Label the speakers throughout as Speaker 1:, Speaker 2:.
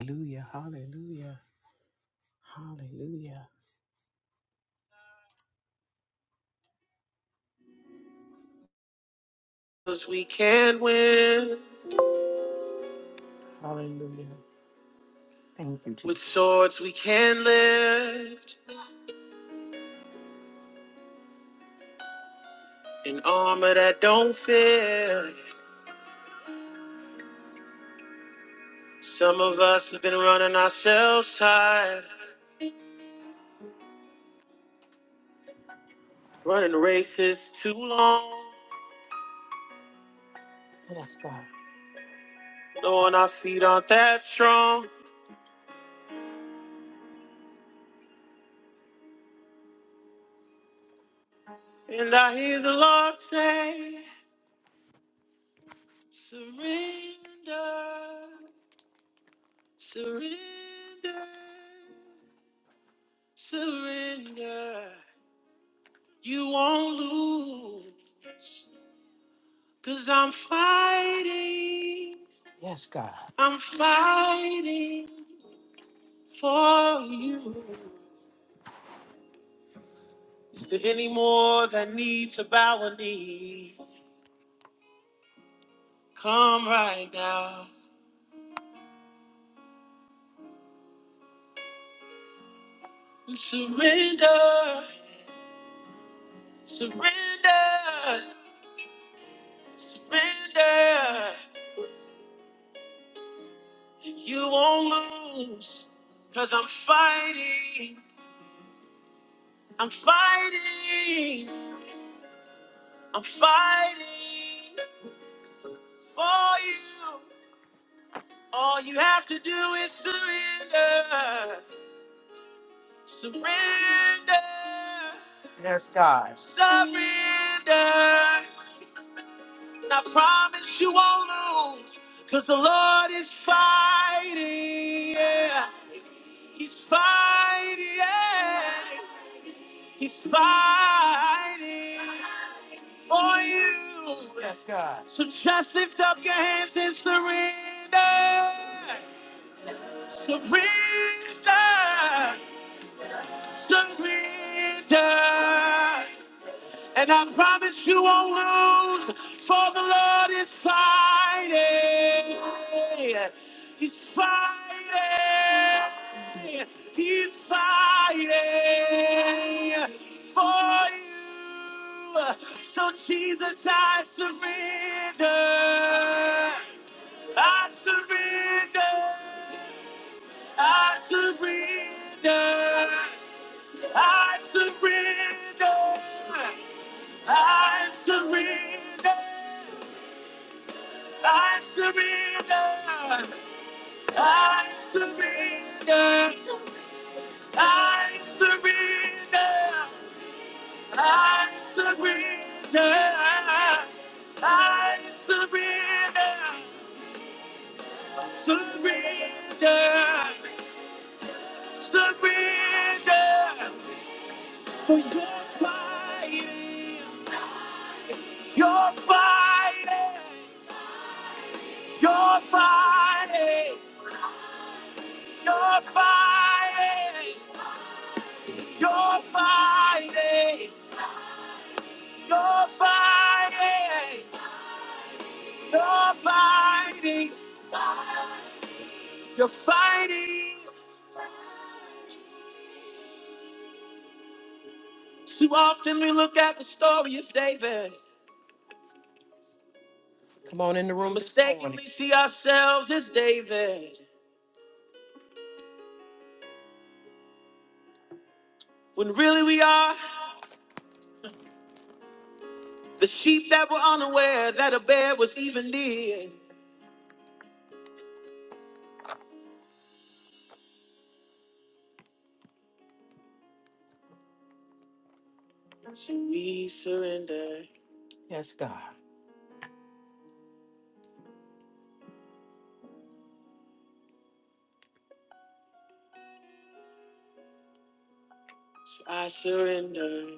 Speaker 1: Hallelujah, hallelujah, hallelujah. Because we can win. Hallelujah. Thank you, Jesus. With swords we can lift, in armor that don't fit. Some of us have been running ourselves tired, running races too long. Yes, God. Knowing our feet aren't that strong. And I hear the Lord say, Surrender, surrender. Surrender. You won't lose. Cause I'm fighting. Yes, God. I'm fighting for you. Is there any more that need to bow a knee? Come right now. and Surrender. Surrender. Surrender. You won't lose. Cause I'm fighting. I'm fighting. I'm fighting for you. All you have to do is surrender. Surrender. Yes, God. Surrender. And I promise you won't lose. Because the Lord is fighting. Yeah. He's fighting. Yeah. He's fighting. for you. Yes, God. So just lift up your hands and surrender. Surrender. Surrender. And I promise you won't lose, for the Lord is fighting. He's fighting. He's fighting for you. So, Jesus, I surrender. I surrender. I surrender. I surrender. I surrender. I surrender. I surrender. I surrender. I surrender. I surrender. Surrender. Surrender. For your fighting. Your fighting. Your fighting. You're fighting, you're fighting, you're fighting, you're fighting, you're fighting. Too often we look at the story of David. Come on in the room. this morning. Mistakenly see ourselves as David. When really we are the sheep that were unaware that a bear was even near. So we surrender. Yes, God. So I surrender.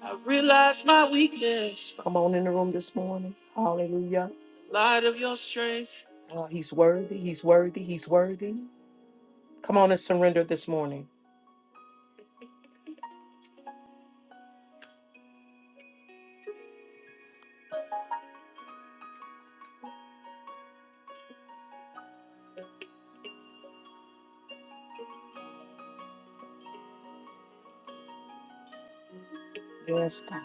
Speaker 1: I realize my weakness. Come on in the room this morning. Hallelujah. Light of your strength. Oh, he's worthy. He's worthy. He's worthy. Come on and surrender this morning. Yes, God.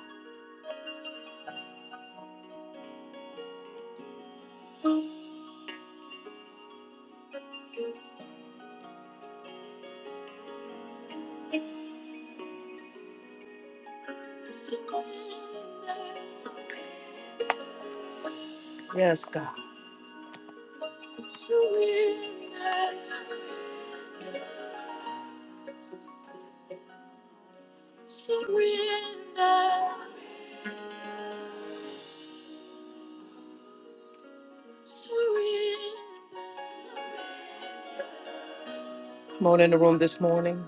Speaker 1: Surrender. Yes, God. Surrender. Surrender. Surrender. Come on in the room this morning.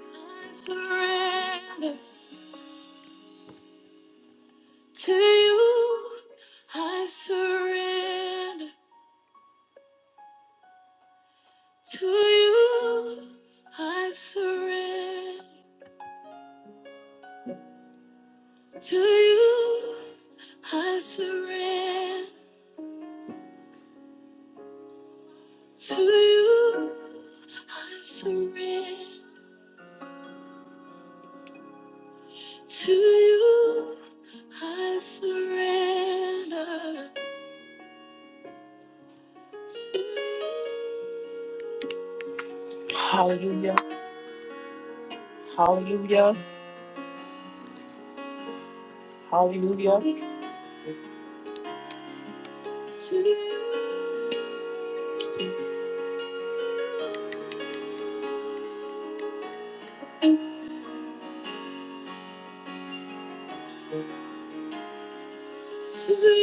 Speaker 1: I surrender to you. I surrender. To you I surrender. To you I surrender. To you. Hallelujah. Hallelujah. Hallelujah. To you. To you.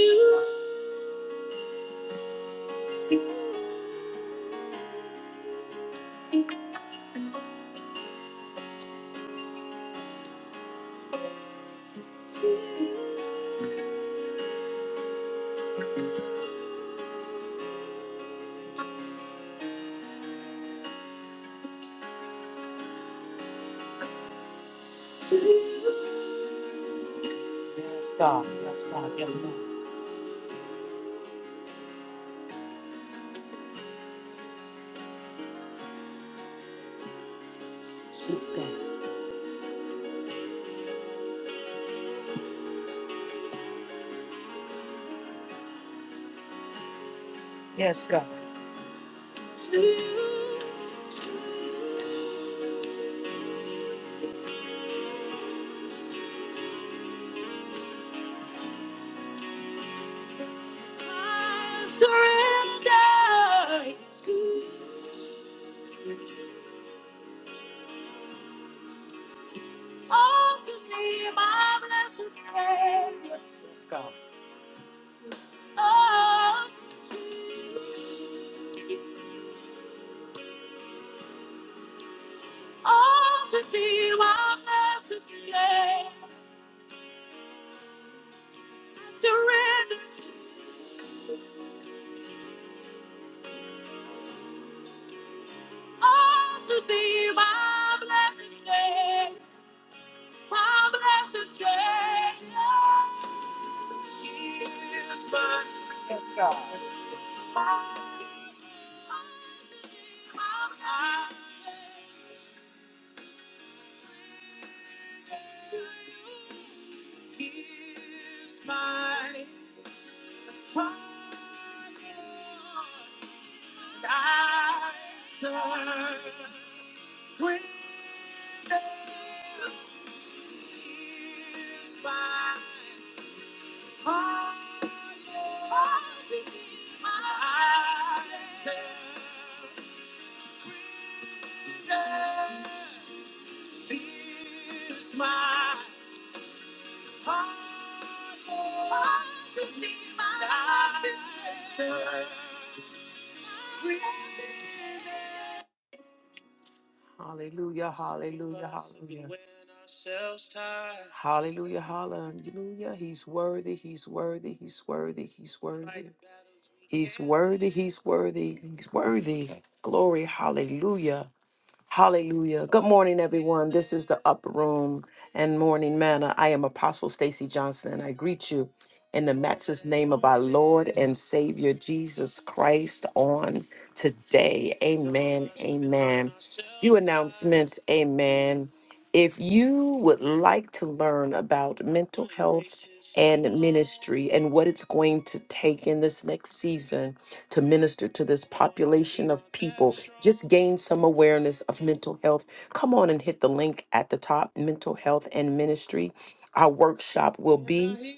Speaker 1: To you. Yes, God. Yes, God. Yes, God. Yes, God. Yes, God. To you. To you. I surrender to all to thee, my blessed Savior. Let's go. All to thee, all to thee, my blessed Savior. Surrender to all to thee, my blessed Savior. My blessed Savior. Yes, God. Here's my heart, and I surrender. Here's my heart, and I surrender. Pierce my heart, Lord, to be my defender. Hallelujah, hallelujah, hallelujah. Hallelujah, hallelujah. He's worthy, he's worthy, he's worthy, he's worthy. He's worthy, he's worthy, he's worthy. Glory, hallelujah. Hallelujah. Good morning, everyone. This is the Upper Room and Morning Manna. I am Apostle Stacy Johnson, and I greet you in the matchless name of our Lord and Savior Jesus Christ on today. Amen. Amen. Few announcements. Amen. If you would like to learn about mental health and ministry and what it's going to take in this next season, to minister to this population of people. Just gain some awareness of mental health. Come on and hit the link at the top mental health and ministry. Our workshop will be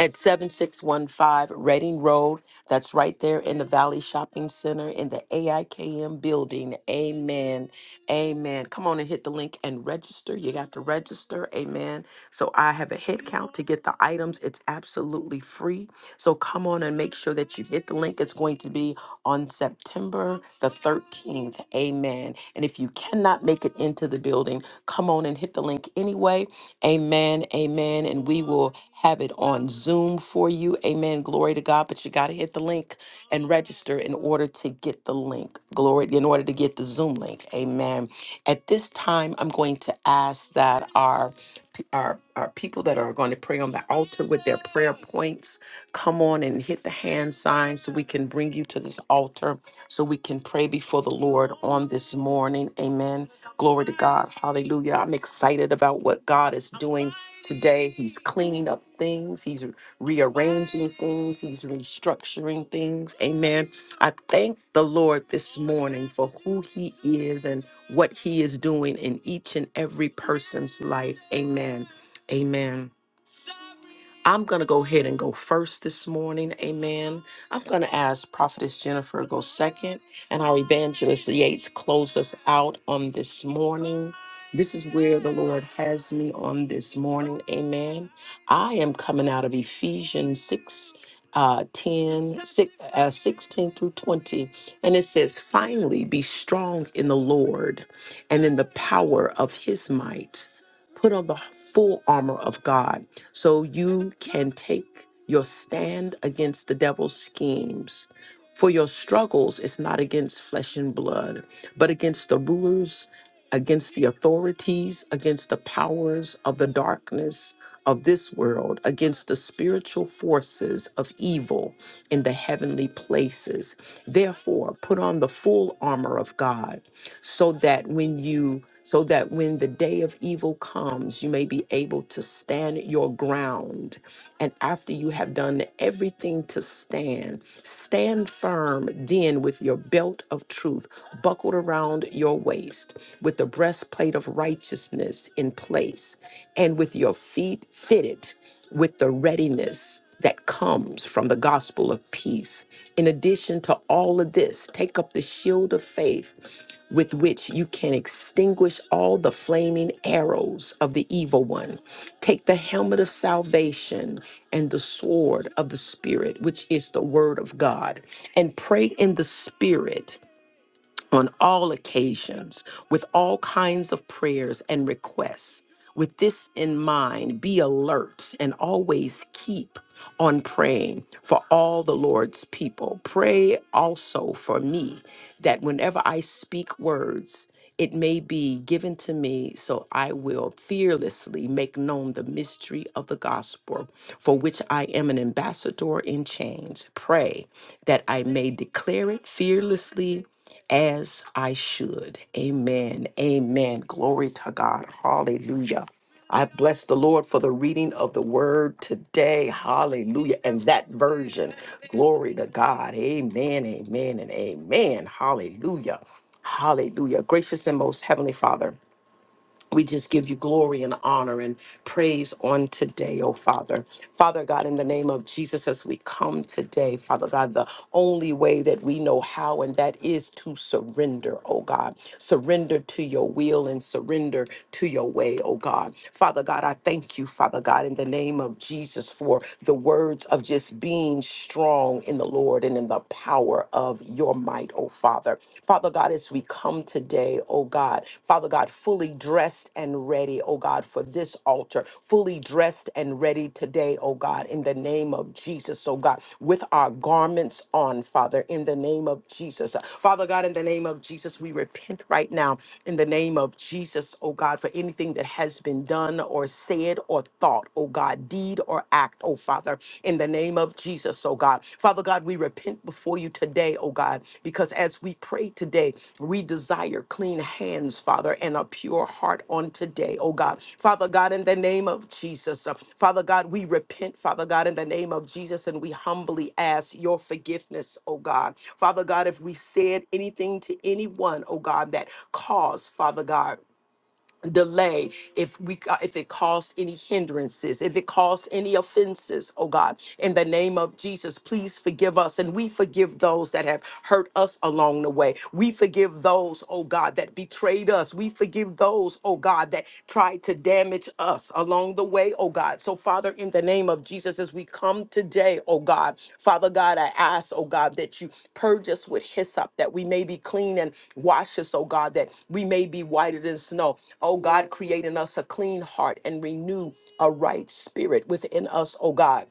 Speaker 1: at 7615 Reading Road. That's right there in the Valley Shopping Center in the AIKM building. Amen. Amen. Come on and hit the link and register. You got to register. Amen. So I have a head count to get the items. It's absolutely free. So come on and make sure that you hit the link. It's going to be on September the 13th. Amen. And if you cannot make it into the building, come on and hit the link anyway. Amen. Amen. And we will have it on Zoom for you. Amen. Glory to God. But you got to hit the link and register in order to get the link. Glory in order to get the Zoom link. Amen. At this time, I'm going to ask that our our, our people that are going to pray on the altar with their prayer points Come on and hit the hand sign so we can bring you to this altar so we can pray before the Lord on this morning. Amen. Glory to God. Hallelujah. I'm excited about what God is doing today. He's cleaning up things, He's rearranging things, He's restructuring things. Amen. I thank the Lord this morning for who He is and what He is doing in each and every person's life. Amen. Amen. I'm going to go ahead and go first this morning. Amen. I'm going to ask Prophetess Jennifer to go second and our evangelist Yates close us out on this morning. This is where the Lord has me on this morning. Amen. I am coming out of Ephesians 6. Uh, 10, six, uh, 16 through 20. And it says, Finally, be strong in the Lord and in the power of his might. Put on the full armor of God so you can take your stand against the devil's schemes. For your struggles is not against flesh and blood, but against the rulers, against the authorities, against the powers of the darkness of this world, against the spiritual forces of evil in the heavenly places. Therefore, put on the full armor of God so that when you so that when the day of evil comes you may be able to stand your ground and after you have done everything to stand stand firm then with your belt of truth buckled around your waist with the breastplate of righteousness in place and with your feet fitted with the readiness that comes from the gospel of peace. In addition to all of this, take up the shield of faith with which you can extinguish all the flaming arrows of the evil one. Take the helmet of salvation and the sword of the Spirit, which is the word of God, and pray in the Spirit on all occasions with all kinds of prayers and requests. With this in mind, be alert and always keep on praying for all the Lord's people. Pray also for me that whenever I speak words, it may be given to me, so I will fearlessly make known the mystery of the gospel, for which I am an ambassador in chains. Pray that I may declare it fearlessly as I should. Amen. Amen. Glory to God. Hallelujah. I bless the Lord for the reading of the word today. Hallelujah. And that version. Glory to God. Amen. Amen. And amen. Hallelujah. Hallelujah. Gracious and most heavenly Father. We just give you glory and honor and praise on today, oh Father. Father God, in the name of Jesus, as we come today, Father God, the only way that we know how, and that is to surrender, oh God. Surrender to your will and surrender to your way, oh God. Father God, I thank you, Father God, in the name of Jesus, for the words of just being strong in the Lord and in the power of your your might, oh Father. Father God, as we come today, oh God, Father God, fully dressed and ready, oh God, for this altar, fully dressed and ready today, oh God, in the name of Jesus, oh God, with our garments on, Father, in the name of Jesus. Father God, in the name of Jesus, we repent right now in the name of Jesus, oh God, for anything that has been done or said or thought, oh God, deed or act act, oh Father, in the name of Jesus, oh God. Father God, we repent before you today, oh God, because as we pray today, we desire clean hands, Father, and a pure heart on today, oh God. Father God, in the name of Jesus, uh, Father God, we repent, Father God, in the name of Jesus, and we humbly ask your forgiveness, oh God. Father God, if we said anything to anyone, oh God, that caused, Father God, delay if we ca- if it caused any hindrances if it caused any offenses oh god in the name of jesus please forgive us and we forgive those that have hurt us along the way we forgive those oh god that betrayed us we forgive those oh god that tried to damage us along along the way, oh God. So, Father, in the name of Jesus, as we come today, oh God, Father God, I ask, oh God, that you purge us with hyssop, that we may be clean and wash us, oh God, that we may be whiter than snow. Oh God, create in us a clean heart and renew a right spirit within us, oh God.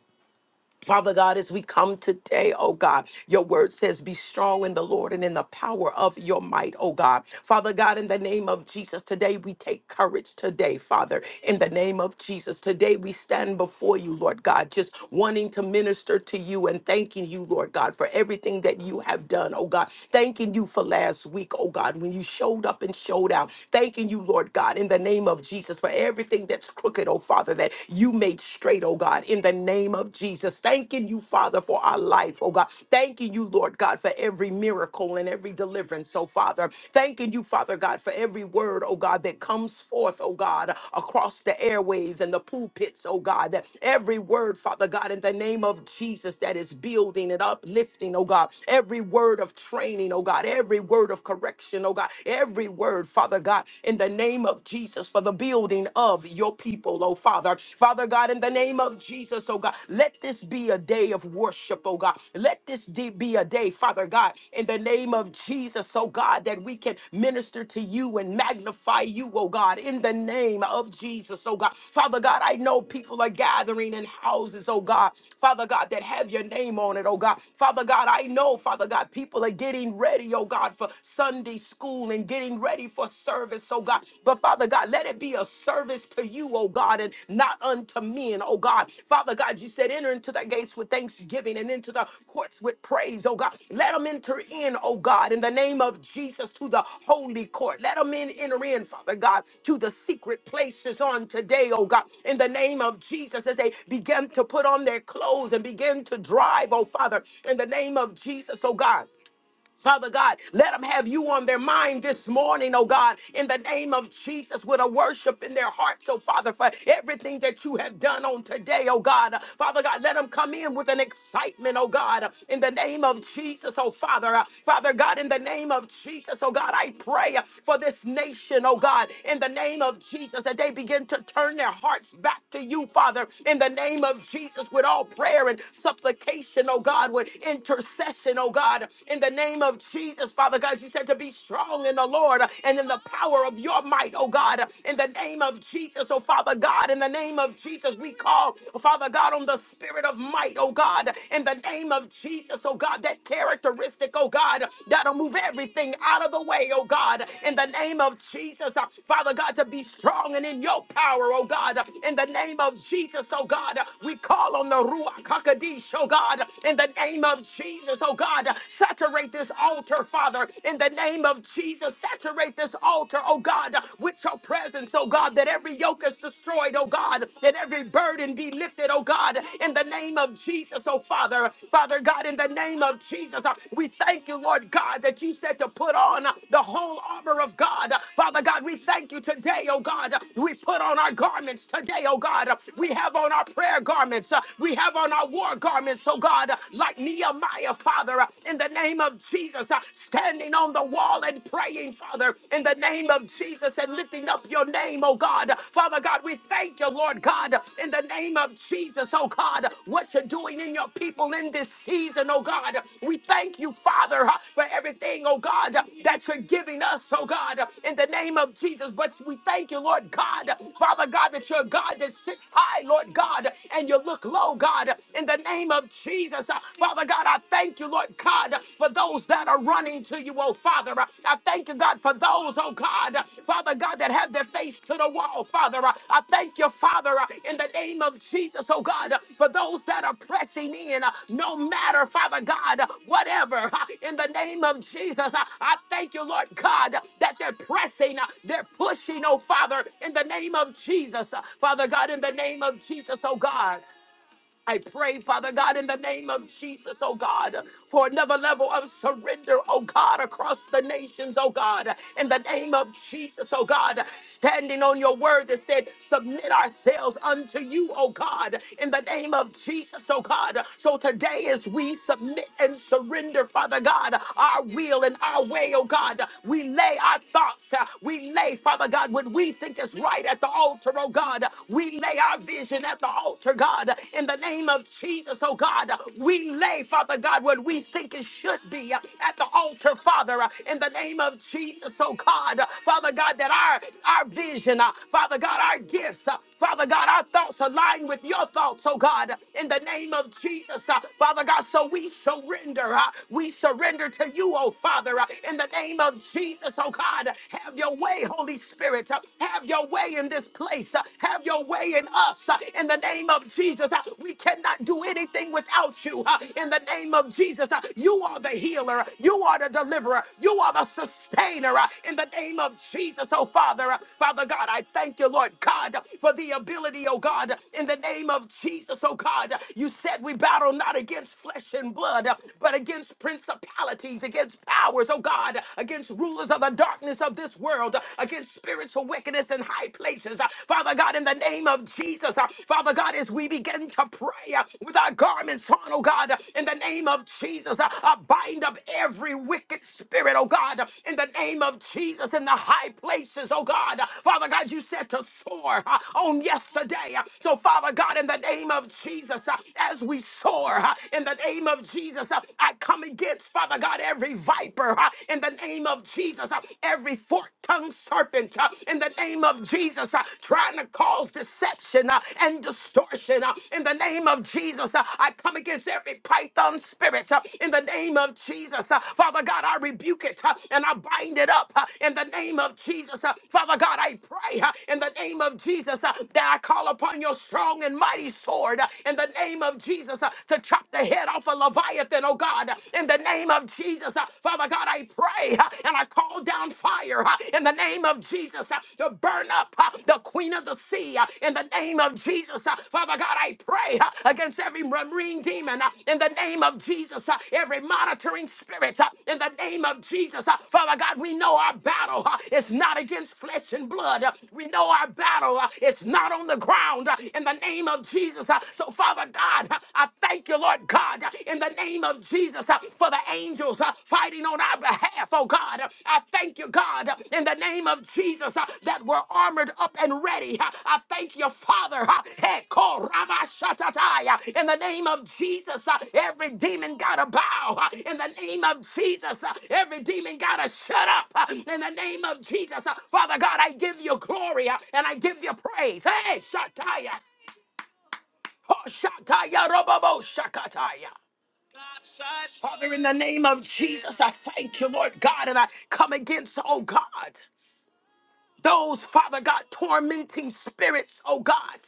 Speaker 1: Father God, as we come today, oh God, your word says, be strong in the Lord and in the power of your might, oh God. Father God, in the name of Jesus, today we take courage today, Father. In the name of Jesus, today we stand before you, Lord God, just wanting to minister to you and thanking you, Lord God, for everything that you have done, oh God. Thanking you for last week, oh God, when you showed up and showed out. Thanking you, Lord God, in the name of Jesus, for everything that's crooked, oh Father, that you made straight, oh God, in the name of Jesus. Thanking you, Father, for our life, oh God. Thanking you, Lord God, for every miracle and every deliverance, oh Father. Thanking you, Father God, for every word, oh God, that comes forth, oh God, across the airwaves and the pulpits, oh God. That every word, Father God, in the name of Jesus, that is building and uplifting, oh God. Every word of training, oh God. Every word of correction, oh God. Every word, Father God, in the name of Jesus. Jesus, for the building of your people, oh Father. Father God, in the name of Jesus, oh God, let this be a day of worship, oh God. Let this de- be a day, Father God, in the name of Jesus, oh God, that we can minister to you and magnify you, oh God, in the name of Jesus, oh God. Father God, I know people are gathering in houses, oh God. Father God, that have your name on it, oh God. Father God, I know, Father God, people are getting ready, oh God, for Sunday school school and getting ready for service, oh God. But Father God, let it be a service to you, oh God, and not unto men, oh God. Father God, you said enter into the gates with thanksgiving and into the courts with praise, oh God. Let them enter in, oh God, in the name of Jesus to the holy court. Let them in, enter in, Father God, to the secret places on today, oh God, in the name of Jesus as they begin to put on their clothes and begin to drive, oh Father, in the name of Jesus, oh God. Father God, let them have you on their mind this morning, oh God, in the name of Jesus, with a worship in their hearts, oh Father, for everything that you have done on today, oh God. Father God, let them come in with an excitement, oh God, in the name of Jesus, oh Father. Father God, in the name of Jesus, oh God, I pray for this nation, oh God, in the name of Jesus, that they begin to turn their hearts back to you, Father, in the name of Jesus, with all prayer and supplication, oh God, with intercession, oh God. God, in the name of Jesus, Father God. You said to be strong in the Lord and in the power of your might, oh God, in the name of Jesus, oh Father God, in the name of Jesus, we call, Father God, on the spirit of might, oh God, in the name of Jesus, oh God, that characteristic, oh God, that'll move everything out of the way, oh God, in the name of Jesus, uh, Father God, to be strong and in your power, oh God, in the name of Jesus, oh God, we call on the Ruach HaKodesh, oh God, in the name of of Jesus, oh God, saturate this altar, Father, in the name of Jesus, saturate this altar, oh God, with your presence, oh God, that every yoke is destroyed, oh God, that every burden be lifted, oh God, in the name of Jesus, oh Father, Father God, in the name of Jesus, uh, we thank you, Lord God, that you said to put on uh, the whole armor of God, Father God, we thank you today, oh God, we put on our garments today, oh God, we have on our prayer garments, uh, we have on our war garments, oh God, like Nehemiah, Father, in the name of Jesus, uh, standing on the wall and praying, Father, in the name of Jesus, and lifting up your name, oh God. Father God, we thank you, Lord God, in the name of Jesus, oh God, what you're doing in your people in this season, oh God. We thank you, Father, uh, for everything, oh God, that you're giving us, oh God, in the name of Jesus. But we thank you, Lord God, Father God, that you're a God that sits high, Lord God, and you look low, God in the name of Jesus. Uh, Father God, I thank you, Lord God, uh, for those that are running to you, oh Father. Uh, I thank you, God, for those, oh God, uh, Father God, that have their face to the wall, Father. Uh, I thank you, Father, uh, in the name of Jesus, oh God, uh, for those that are pressing in, uh, no matter, Father God, uh, whatever, uh, in the name of Jesus. Uh, I thank you, Lord God, uh, that they're pressing, uh, they're pushing, oh Father, in the name of Jesus. Uh, Father God, in the name of Jesus, oh God. I pray, Father God, in the name of Jesus, oh God, for another level of surrender, oh God, across the nations, oh God, in the name of Jesus, oh God, standing on your word that said, submit ourselves unto you, oh God, in the name of Jesus, oh God. So today, as we submit and surrender, Father God, our will and our way, oh God, we lay our thoughts, uh, we lay, Father God, what we think is right at the altar, oh God, we lay lay our vision at the altar, God. In the name of Jesus, oh God, we lay, Father God, what we think it should be uh, at the altar, Father. uh, In the name of Jesus, oh God, Father God, that our, our vision, uh, Father God, our gifts, uh, Father God, our thoughts align with your thoughts, oh God, in the name of Jesus, uh, Father God. So we surrender, uh, we surrender to you, oh Father, uh, in the name of Jesus, oh God. Have your way, Holy Spirit. uh, Have have your way in this place. Uh, Have your way in us. Uh, In the name of Jesus, uh, we cannot do anything without you. Uh, In the name of Jesus, uh, you are the healer. You are the deliverer. You are the sustainer. Uh, In the name of Jesus, oh Father, uh, Father God, I thank you, Lord God, for the ability, oh God, in the name of Jesus, oh God. You said we battle not against flesh and blood, uh, but against principalities, against powers, oh God, against rulers of the darkness wickedness of this world, uh, against spiritual wickedness in high places. Uh, Father God, in the name of Jesus, uh, Father God, as we begin to pray uh, with our garments on, oh God, uh, in the name of Jesus, uh, uh, bind up every wicked spirit, oh God, uh, in the name of Jesus, in the high places, oh God. Uh, Father God, you said to soar uh, on yesterday. Uh, So, Father God, in the name of Jesus, uh, as we soar, uh, in the name of Jesus, uh, I come against, Father God, every viper viper uh, in the name of Jesus, uh, every fork-tongued serpent uh, in the name of Jesus, uh, trying to cause deception uh, and distortion uh, in the name of Jesus. uh, I come against every python spirit uh, in the name of Jesus. uh, Father God, I rebuke it uh, and I bind it up uh, in the name of Jesus. uh, Father God, I pray uh, in the name of Jesus uh, that I call upon your strong and mighty sword uh, in the name of Jesus uh, to chop the head off a Leviathan something, oh God, in the name of Jesus. Uh, Father God, I pray uh, and I call down fire uh, in the name of Jesus uh, to burn up uh, the queen of the sea uh, in the name of Jesus. Uh, Father God, I pray uh, against every marine demon uh, in the name of Jesus, uh, every monitoring spirit uh, in the name of Jesus. Uh, Father God, we know our battle uh, is not against flesh and blood. Uh, We know our battle uh, is not on the ground uh, in the name of Jesus. Uh, So, Father God, I thank you, Lord God, in the name of Jesus uh, for the angels uh, fighting on our behalf, oh God. I thank you, God, in the name of Jesus uh, that we're armored up and ready. Uh, I thank you, Father. uh, hey, call Rama Shatatai, uh, In the name of Jesus, uh, every demon got to bow. uh, In the name of Jesus, uh, every demon got to shut up. uh, In the name of Jesus, uh, Father God, I give you glory uh, and I give you praise. Hey, Shataya. Oh, shakaya robobo shakataya. Father, in the name of Jesus, I thank you, Lord God, and I come against, oh God. Those, Father God, tormenting spirits, oh God,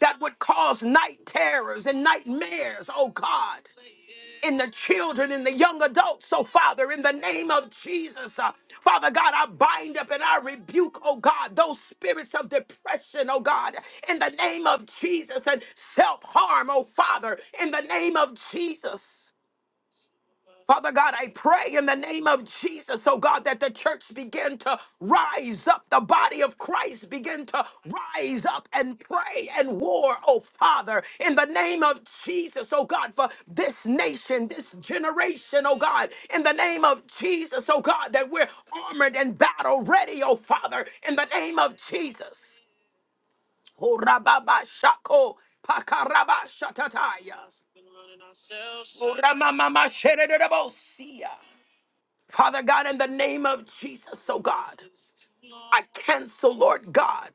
Speaker 1: that would cause night terrors and nightmares, oh God, in the children, in the young adults. So, Father, in the name of Jesus, uh, Father God, I bind up and I rebuke, oh God, those spirits of depression, oh God, in the name of Jesus, and self harm, oh Father, in the name of Jesus. Father God, I pray in the name of Jesus, oh God, that the church begin to rise up, the body of Christ begin to rise up and pray and war, oh Father, in the name of Jesus, oh God, for this nation, this generation, oh God, in the name of Jesus, oh God, that we're armored and battle ready, oh Father, in the name of Jesus. Horababa shako pakaraba shatataya. Horamamama sheredebosia. Father God, in the name of Jesus, oh God, I cancel, Lord God,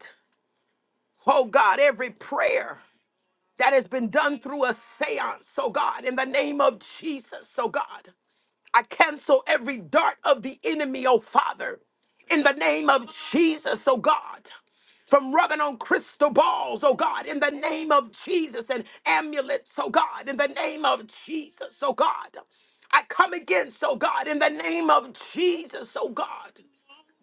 Speaker 1: oh God, every prayer that has been done through a seance, oh God, in the name of Jesus, oh God. I cancel every dart of the enemy, oh Father, in the name of Jesus, oh God. From rubbing on crystal balls, oh God, in the name of Jesus, and amulets, oh God, in the name of Jesus, oh God. I come against, oh God, in the name of Jesus, oh God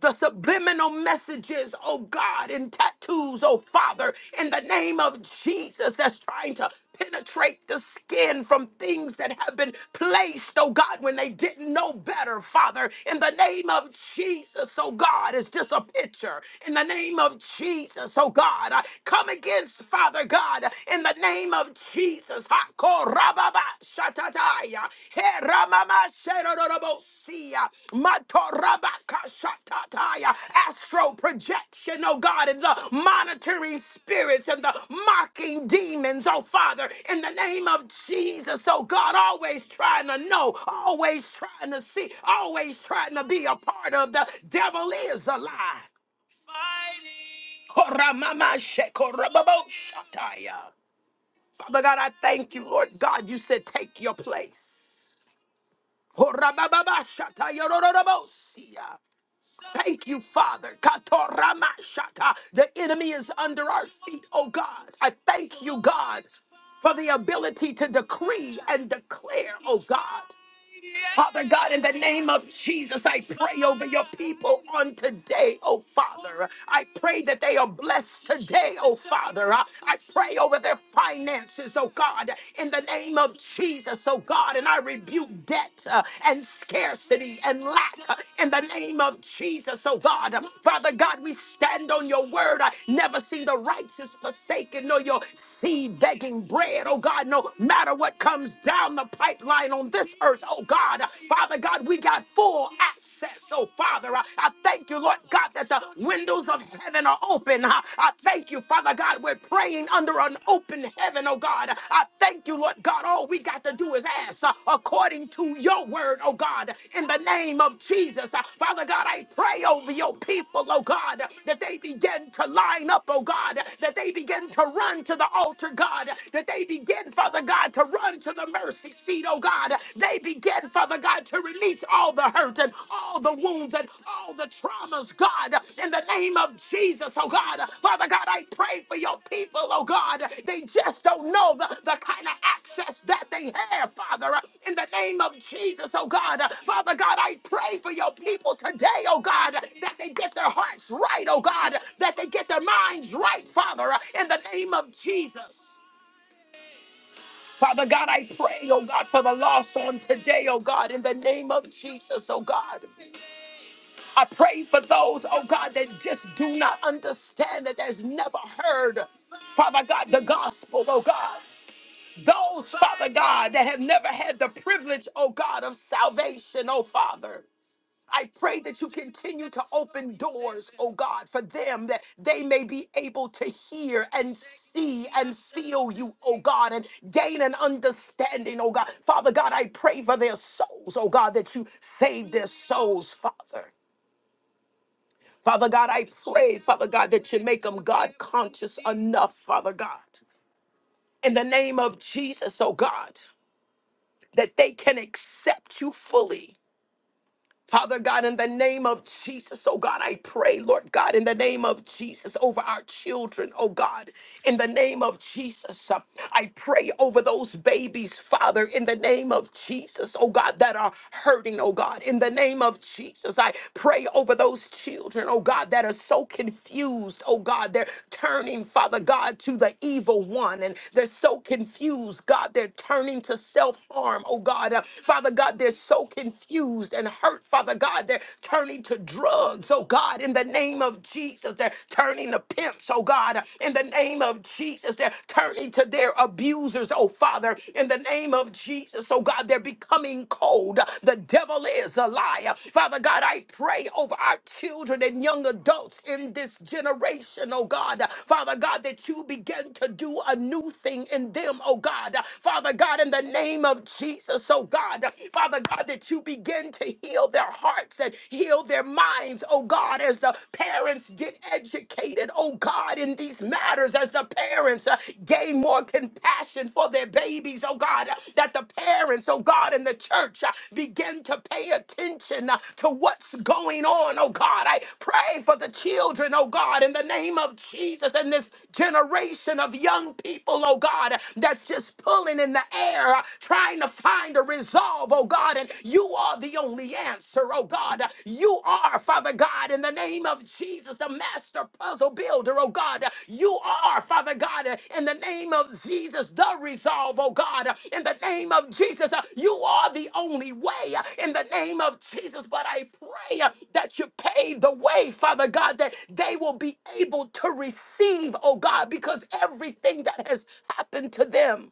Speaker 1: the subliminal messages, oh God, in tattoos, oh Father, in the name of Jesus, that's trying to penetrate the skin from things that have been placed, oh God, when they didn't know better, Father, in the name of Jesus, oh God, it's just a picture. In the name of Jesus, oh God, I come against, Father God, in the name of Jesus, Rababa Shatataya, He Ramama Sherorobosia, Matorabaka Shatataya, astral projection, oh God, and the monitoring spirits and the mocking demons, oh Father, in the name of Jesus, oh God, always trying to know, always trying to see, always trying to be a part of the devil is a lie. Mighty. Koramama Shekorababo Shataya. Father God, I thank you, Lord God. You said, take your place. Horabababashatayarororobosia. Thank you, Father. Katoramashata. The enemy is under our feet, oh God. I thank you, God, for the ability to decree and declare, oh God. Father God, in the name of Jesus, I pray over your people on today, oh Father. I pray that they are blessed today, oh Father. I I pray over their finances, oh God, in the name of Jesus, oh God. And I rebuke debt uh, and scarcity and lack uh, in the name of Jesus, oh God. Father God, we stand on your word. I never see the righteous forsaken, nor your seed begging bread, oh God, no matter what comes down the pipe pipeline on this earth, oh God. Father God, we got full access, oh Father. I I thank you, Lord God, that the windows of heaven are open. I I thank you, Father God, we're praying under an open heaven, oh God. I thank you, Lord God. All we got to do is ask uh, according to your word, oh God, in the name of Jesus. Uh, Father God, I pray over your people, oh God, that they begin to line up, oh God, that they begin to run to the altar, God, that they begin, Father God. God, to run to the mercy seat, oh God. They began, Father God, to release all the hurt and all the wounds and all the traumas, God, in the name of Jesus, oh God. Father God, I pray for your people, oh God. They just don't know the, the kind of access that they have, Father, in the name of Jesus, oh God. Father God, I pray for your people today, oh God, that they get their hearts right, oh God, that they get their minds right, Father, in the name of Jesus. Father God, I pray, oh God, for the lost on today, oh God, in the name of Jesus, oh God. I pray for those, oh God, that just do not understand, that has never heard, Father God, the gospel, oh God. Those, Father God, that have never had the privilege, oh God, of salvation, oh Father. I pray that you continue to open doors, oh God, for them that they may be able to hear and see and feel you, oh God, and gain an understanding, oh God. Father God, I pray for their souls, oh God, that you save their souls, Father. Father God, I pray, Father God, that you make them God conscious enough, Father God. In the name of Jesus, oh God, that they can accept you fully Father God, in the name of Jesus, oh God, I pray, Lord God, in the name of Jesus, over our children, oh God, in the name of Jesus, uh, I pray over those babies, Father, in the name of Jesus, oh God, that are hurting, oh God, in the name of Jesus, I pray over those children, oh God, that are so confused, oh God, they're turning, Father God, to the evil one, and they're so confused, God, they're turning to self harm, oh God, uh, Father God, they're so confused confused and hurt, Father God. They're turning to drugs, oh God, in the name of Jesus. They're turning to pimps, oh God, in the name of Jesus. They're turning to their abusers, oh Father, in the name of Jesus, oh God. They're becoming cold. The devil is a liar. Father God, I pray over our children and young adults in this generation, oh God. Father God, that you begin to do a new thing in them, oh God. Father God, in the name of Jesus, oh oh God, Father God, that you begin to heal their hearts and heal their minds, oh God, as the parents get educated, oh God, in these matters, as the parents uh, gain more compassion for their babies, oh God, uh, that the parents, oh God, in the church uh, begin to pay attention uh, to what's going on, oh God. I pray for the children, oh God, in the name of Jesus and this generation of young people, oh God, that's just pulling in the air uh, trying to find a resolve, oh God, and you are the only answer, oh God. You are, Father God, in the name of Jesus, the master puzzle builder, oh God. You are, Father God, uh, in the name of Jesus, the resolve, oh God. In the name of Jesus, uh, you are the only way, uh, in the name of Jesus. But I pray uh, that you pave the way, Father God, that they will be able to receive, oh God, because everything that has happened to them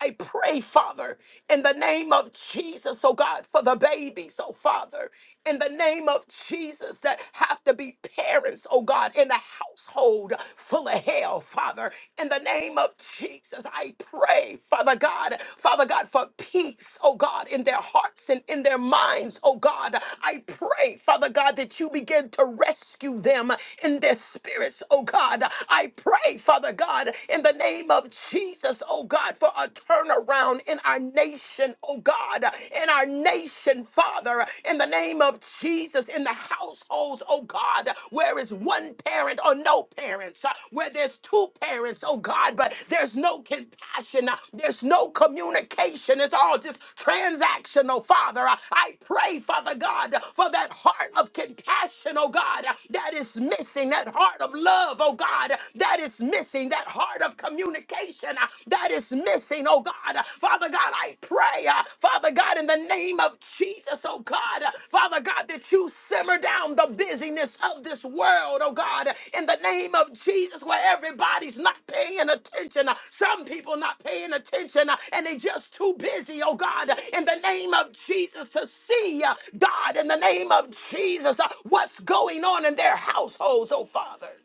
Speaker 1: I pray, Father, in the name of Jesus, oh God, for the babies, oh Father, in the name of Jesus, that have to be parents, oh God, in a household full of hell, Father, in the name of Jesus, I pray, Father God, Father God, for peace, oh God, in their hearts and in their minds, oh God, I pray, Father God, that you begin to rescue them in their spirits, oh God, I pray, Father God, in the name of of Jesus, oh God, for a turnaround in our nation, oh God, in our nation, Father, in the name of Jesus, in the households, oh God, where is one parent or no parents, uh, where there's two parents, oh God, but there's no compassion, uh, there's no communication, it's all just transactional, Father. Uh, I pray, Father God, for that heart of compassion, oh God, that is missing, that heart of love, oh God, that is missing missing, that heart of communication uh, that is missing, oh God. Uh, Father God, I pray, uh, Father God, in the name of Jesus, oh God, uh, Father God, that you simmer down the busyness of this world, oh God, Uh, in the name of Jesus, where everybody's not paying attention. Uh, Some people not paying attention uh, and they just too busy, oh God, Uh, in the name of Jesus to see, uh, God, in the name of Jesus, uh, what's going on in their households, oh Father.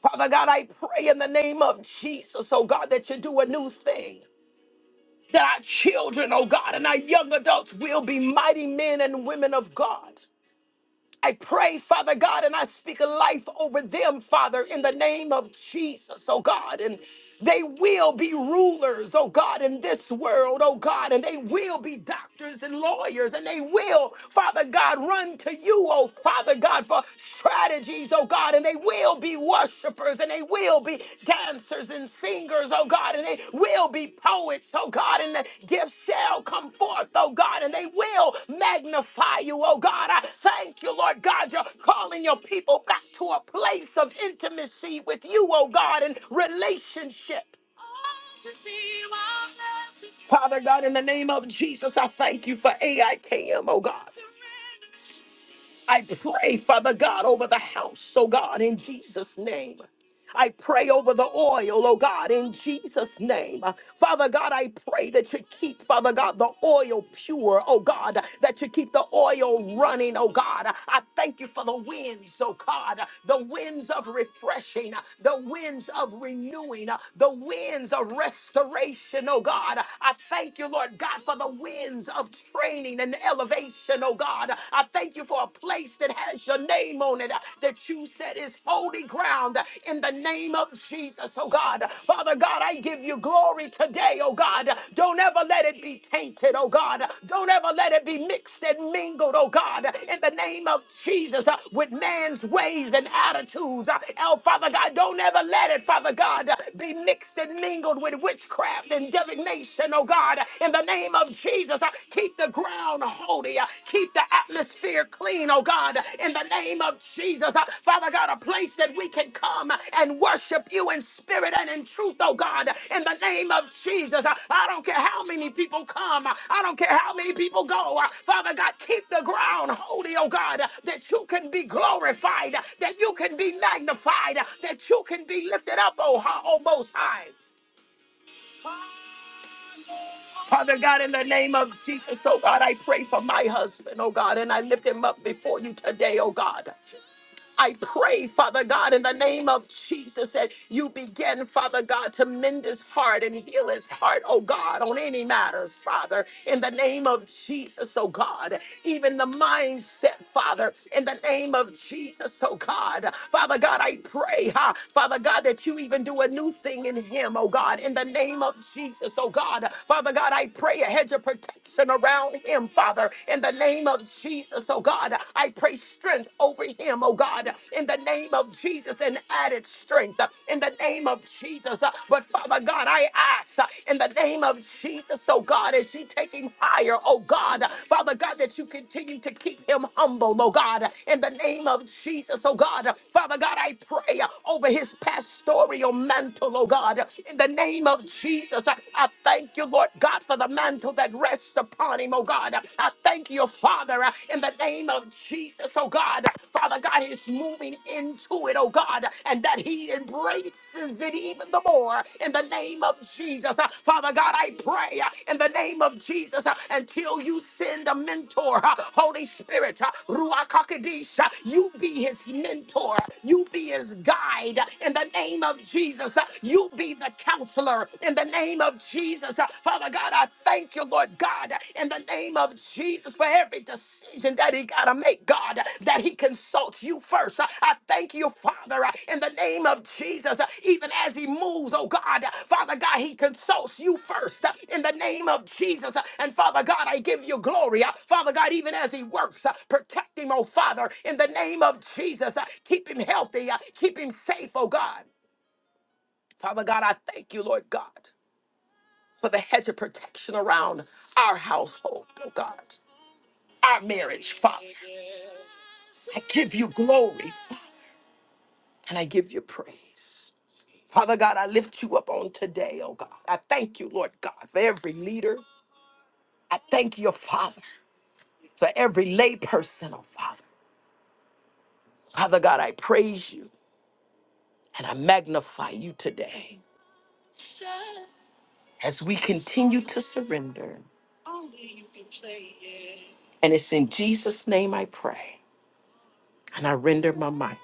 Speaker 1: Father God, I pray in the name of Jesus, oh God, that you do a new thing. That our children, oh God, and our young adults will be mighty men and women of God. I pray, Father God, and I speak life over them, Father, in the name of Jesus, oh God. And they will be rulers, oh God, in this world, oh God. And they will be doctors and lawyers. And they will, Father God, run to you, oh Father God, for strategies, oh God. And they will be be worshipers and they will be dancers and singers, oh God, and they will be poets, oh God, and the gifts shall come forth, oh God, and they will magnify you, oh God. I thank you, Lord God, you're calling your people back to a place of intimacy with you, oh God, and relationship. Father God, in the name of Jesus, I thank you for AIKM, oh God. I pray, Father God, over the house, oh God, in Jesus' name. I pray over the oil, oh God, in Jesus' name. Uh, Father God, I pray that you keep, Father God, the oil pure, oh God, that you keep the oil running, oh God. I thank you for the winds, oh God, the winds of refreshing, the winds of renewing, the winds of restoration, oh God. I thank you, Lord God, for the winds of training and elevation, oh God. I thank you for a place place that has your name on it, uh, that you said is holy ground uh, in the name of Jesus, oh God. Father God, I give you glory today, oh God. Don't ever let it be tainted, oh God. Don't ever let it be mixed and mingled, oh God, in the name of Jesus, uh, with man's ways and attitudes. Uh, Oh, Father God, don't ever let it, Father God, uh, be mixed and mingled with witchcraft and divination, oh God, in the name of Jesus. Jesus. Uh, Keep the ground holy. Uh, Keep the atmosphere clean, oh God, in the name of Jesus. Uh, Father God, a place that we can come and worship you in spirit and in truth, oh God, in the name of Jesus. Uh, I don't care how many people come, Uh, I don't care how many people go. Uh, Father God, keep the ground holy, oh God, uh, that you can be glorified, uh, that you can be magnified, uh, that you can be lifted up, oh, ho- oh most high. Father God, in the name of Jesus, oh God, I pray for my husband, oh God, and I lift him up before you today, oh God. I pray, Father God, in the name of Jesus, that you begin, Father God, to mend his heart and heal his heart, oh God, on any matters, Father, in the name of Jesus, oh God, even the mindset, Father, in the name of Jesus, oh God, Father God, I pray, ha, Father God, that you even do a new thing in him, oh God, in the name of Jesus, oh God, Father God, I pray a hedge of protection around him, Father, in the name of Jesus. Jesus, oh God. I pray strength over him, oh God, in the name of Jesus, and added strength uh, in the name of Jesus. Uh, But Father God, I ask uh, in the name of Jesus, oh God, as you take him higher, oh God, uh, Father God, that you continue to keep him humble, oh God, uh, in the name of Jesus, oh God. Uh, Father God, I pray uh, over his pastoral mantle, oh God, uh, in the name of Jesus. I I thank you, Lord God, for the mantle that rests rest upon him, oh God. I thank you, Father, uh, in the name of Jesus, oh God. Father God is moving into it, oh God, and that he embraces it even the more in the name of Jesus. Uh, Father God, I pray uh, in the name of Jesus uh, until you send a mentor, uh, Holy Spirit, uh, Ruach HaKodesh, uh, you be his mentor, you be his guide uh, in the name of Jesus, uh, you be the counselor in the the name of Jesus. Uh, Father God, I thank you, Lord God, uh, in the name of Jesus for every decision that he got to make, God, uh, that he consults you first. Uh, I thank you, Father, uh, in the name of Jesus, uh, even as he moves, oh God, uh, Father God, he consults you first uh, in the name of Jesus. Uh, And Father God, I give you glory. Uh, Father God, even as he works, uh, protect him, oh Father, in the name of Jesus. Uh, Keep him healthy, uh, keep him safe, oh God. Father God, I thank you, Lord God for the hedge of protection around our household, oh God, our marriage, Father. I give you glory and I give you praise. Father God, I lift you up on today, oh God. I thank you, Lord God, for every leader. I thank your Father for every lay person, oh Father. Father God, I praise you and I magnify you today as we continue to surrender. And it's in Jesus' name I pray. And I render my mic.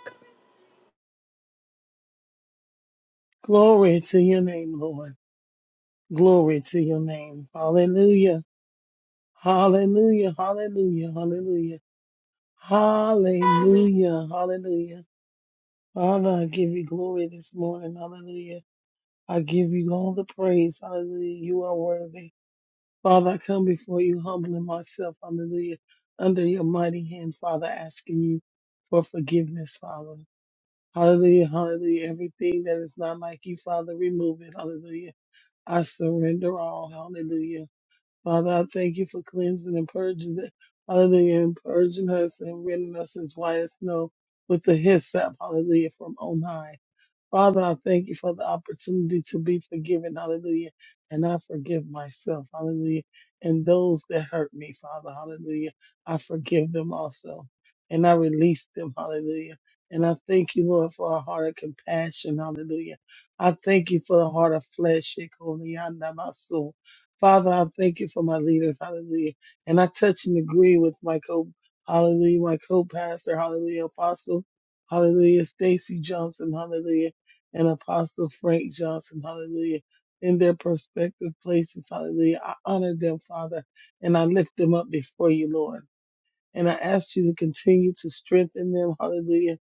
Speaker 2: Glory to your name, Lord. Glory to your name. Hallelujah. Hallelujah. Hallelujah. Hallelujah. Hallelujah. Hallelujah. Father, I give you glory this morning. Hallelujah. I give you all the praise. Hallelujah. You are worthy. Father, I come before you humbling myself. Hallelujah. Under your mighty hand, Father, asking you for forgiveness, Father. Hallelujah. Hallelujah. Everything that is not like you, Father, remove it. Hallelujah. I surrender all. Hallelujah. Father, I thank you for cleansing and purging. the- Hallelujah. And purging us and rendering us as white as snow with the hyssop. Hallelujah. From on high. Father, I thank you for the opportunity to be forgiven. Hallelujah. And I forgive myself. Hallelujah. And those that hurt me, Father. Hallelujah. I forgive them also. And I release them. Hallelujah. And I thank you, Lord, for a heart of compassion. Hallelujah. I thank you for a heart of flesh. Shekinah, my soul. Father, I thank you for my leaders. Hallelujah. And I touch and agree with my co, hallelujah, my co-pastor. Hallelujah. Apostle. Hallelujah. Stacy Johnson. Hallelujah and Apostle Frank Johnson, hallelujah, in their prospective places, hallelujah. I honor them, Father, and I lift them up before you, Lord. And I ask you to continue to strengthen them, hallelujah,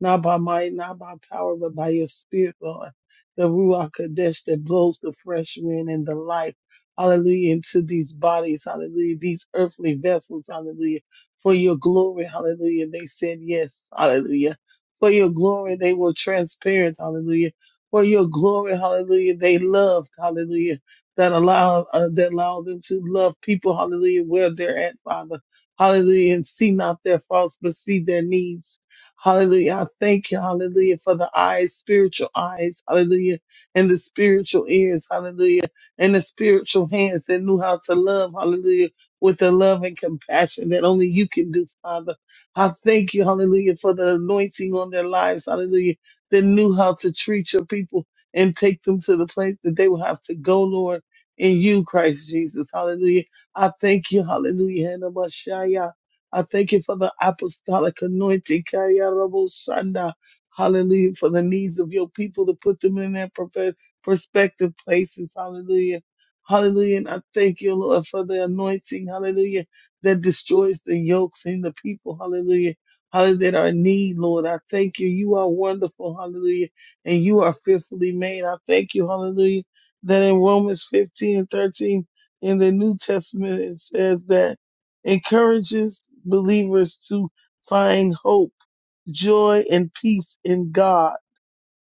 Speaker 2: not by might, not by power, but by your spirit, Lord. The Ruach Kadesh that blows the fresh wind and the life, hallelujah, into these bodies, hallelujah, these earthly vessels, hallelujah, for your glory, hallelujah. They said yes, hallelujah. For your glory, they were transparent, hallelujah. For your glory, hallelujah, they loved, hallelujah, that allow, uh, that allow them to love people, hallelujah, where they're at, Father. Hallelujah. And see not their faults, but see their needs. Hallelujah. I thank you. Hallelujah. For the eyes, spiritual eyes. Hallelujah. And the spiritual ears. Hallelujah. And the spiritual hands that knew how to love. Hallelujah. With the love and compassion that only you can do, Father. I thank you. Hallelujah. For the anointing on their lives. Hallelujah. That knew how to treat your people and take them to the place that they will have to go, Lord, in you, Christ Jesus. Hallelujah I thank you, hallelujah, and Messiah. I thank you for the apostolic anointing, Kaya Rabo Shanda. hallelujah, for the needs of your people to put them in their profe- prospective places, hallelujah. Hallelujah. And I thank you, Lord, for the anointing, hallelujah, that destroys the yokes in the people, hallelujah. Hallelujah, that are in need, Lord. I thank you. You are wonderful, hallelujah, and you are fearfully made. I thank you, hallelujah, that in Romans 15 and 13, in the New Testament, it says that encourages believers to find hope, joy, and peace in God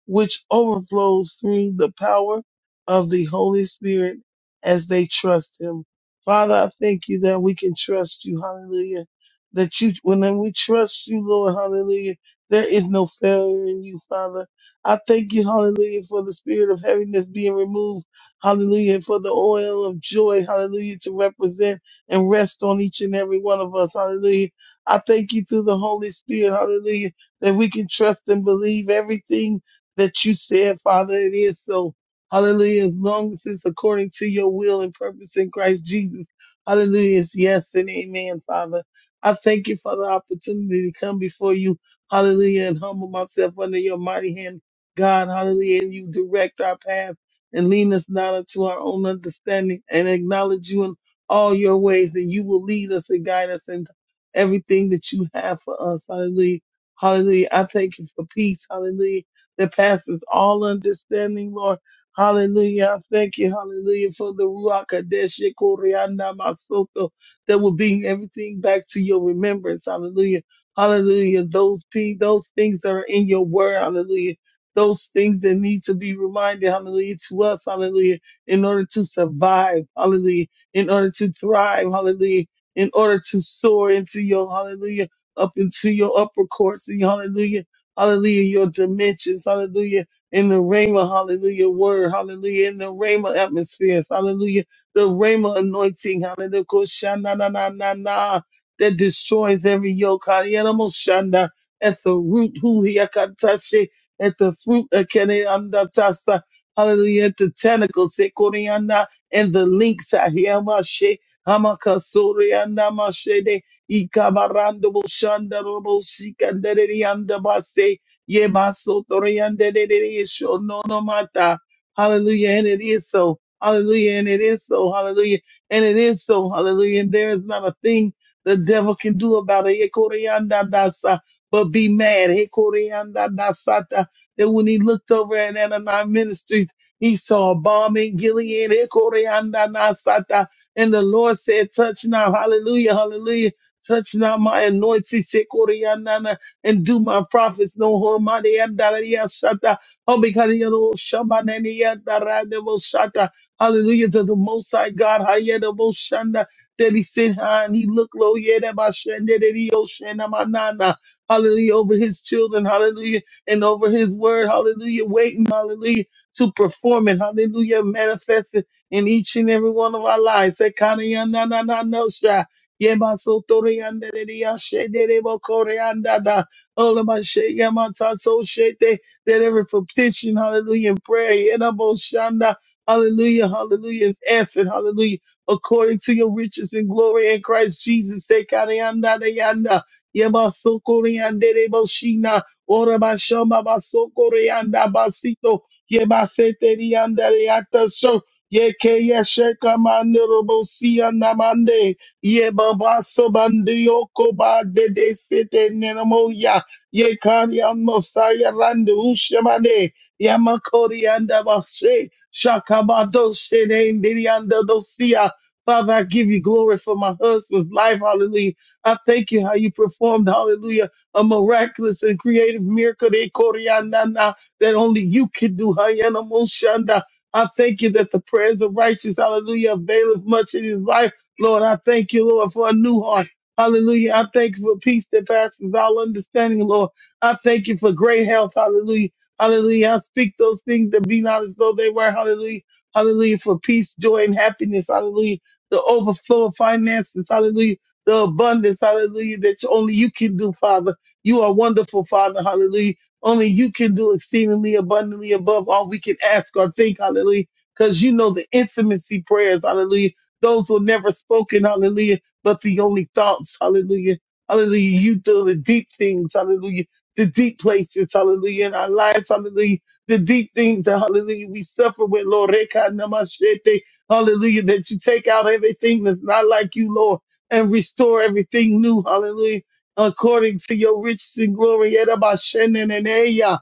Speaker 2: which overflows through the power of the Holy Spirit as they trust Him. Father, I thank you that we can trust you. Hallelujah. That you, when we trust you, Lord, hallelujah, there is no failure in you, Father. I thank you, hallelujah, for the spirit of heaviness being removed. Hallelujah. and For the oil of joy, hallelujah, to represent and rest on each and every one of us. Hallelujah. I thank you through the Holy Spirit, hallelujah, that we can trust and believe everything that you said, Father. It is so. Hallelujah. As long as it's according to your will and purpose in Christ Jesus. Hallelujah. It's yes and amen, Father. I thank you for the opportunity to come before you. Hallelujah. And humble myself under your mighty hand, God. Hallelujah. And you direct our path and lead us not unto our own understanding and acknowledge you in all your ways. And you will lead us and guide us in everything that you have for us. Hallelujah. Hallelujah. I thank you for peace. Hallelujah that passes all understanding, Lord. Hallelujah. I Thank you. Hallelujah. For the Ruach Kadesh Koryana Masoto that will bring everything back to your remembrance. Hallelujah. Hallelujah. Those pe- those things that are in your word. Hallelujah. Those things that need to be reminded. Hallelujah. To us. Hallelujah. In order to survive. Hallelujah. In order to thrive. Hallelujah. In order to soar into your hallelujah up into your upper courts. Hallelujah Hallelujah. Your dimensions. Hallelujah. In the Rhema, hallelujah, word, hallelujah, in the Rhema atmospheres, hallelujah, the Rhema anointing, hallelujah, koshana na na na na, that destroys every yoke, hallelujah, moshana, at the root, who he akatashe, at the fruit, akene andatasa, hallelujah, at the tentacles, sekoriana, and the links, ahiamashe, hamakasoriana, Ikabarando Boshanda Robo Sikandere Anda Base Yebaso Toriande Dedesho no no mata. Hallelujah. And it is so. Hallelujah. And it is so. Hallelujah. And it is so. Hallelujah. And there is not a thing the devil can do about it. Ekorianda dasa. But be mad. Ekorianda dasata. That when he looked over at Ananias Ministries, he saw a bomb in Gilead. Ekorianda nasata. And the Lord said, touch now. Hallelujah. Hallelujah Touch not my anointing, Sekorianana, and do my prophets no harm. Mani Andaria Shata, Obikariano Shamanani Andaranemo Shata. Hallelujah to the Most High God, Hayanamo Shanda, that He sit high and He look low, Yedabashende, that He Oshanamanana. Hallelujah over His children, Hallelujah, and over His word, Hallelujah, waiting, Hallelujah, to perform it, Hallelujah, manifest it in each and every one of our lives. Sekana na na na na no sha. Yebasotoriandadeyashederebokoreandada. Olamasheyamatsoshete. That every petition, hallelujah, and prayer, yenaboshanda, hallelujah, hallelujah, is answered, hallelujah, according to your riches and glory in Christ Jesus. Sekariandadeyanda. Yebasokoriandedeboshina. Orabashambabasokoriandabasito. Yebaseteriandadeyata. So, Yeke yesheka mandorobosia namande. Ye baba sobandi yoko ba de de sete nenamo ya. Ye kari amosaya randu ushemane. Yamakori anda bashe. Shakabado shene ndiri anda dosia. Father, I give you glory for my husband's life. Hallelujah. I thank you how you performed, hallelujah, a miraculous and creative miracle de Koriandana that only you could do. Hayana Moshanda. I thank you that the prayers of righteous, hallelujah, availeth much in his life. Lord, I thank you, Lord, for a new heart. Hallelujah. I thank you for peace that passes all understanding, Lord. I thank you for great health. Hallelujah. Hallelujah. I speak those things that be not as though they were. Hallelujah. Hallelujah. For peace, joy, and happiness. Hallelujah. The overflow of finances. Hallelujah. The abundance. Hallelujah. That only you can do, Father. You are wonderful, Father. Hallelujah. Only you can do exceedingly abundantly above all we can ask or think. Hallelujah. Because you know the intimacy prayers. Hallelujah those were never spoken, hallelujah, but the only thoughts, hallelujah. Hallelujah. You do the deep things, hallelujah. The deep places, hallelujah, in our lives, hallelujah. The deep things that, hallelujah, we suffer with, Lord. Reka namashete, Hallelujah. That you take out everything that's not like you, Lord, and restore everything new, hallelujah. According to your riches and glory, Yedabashenenenea,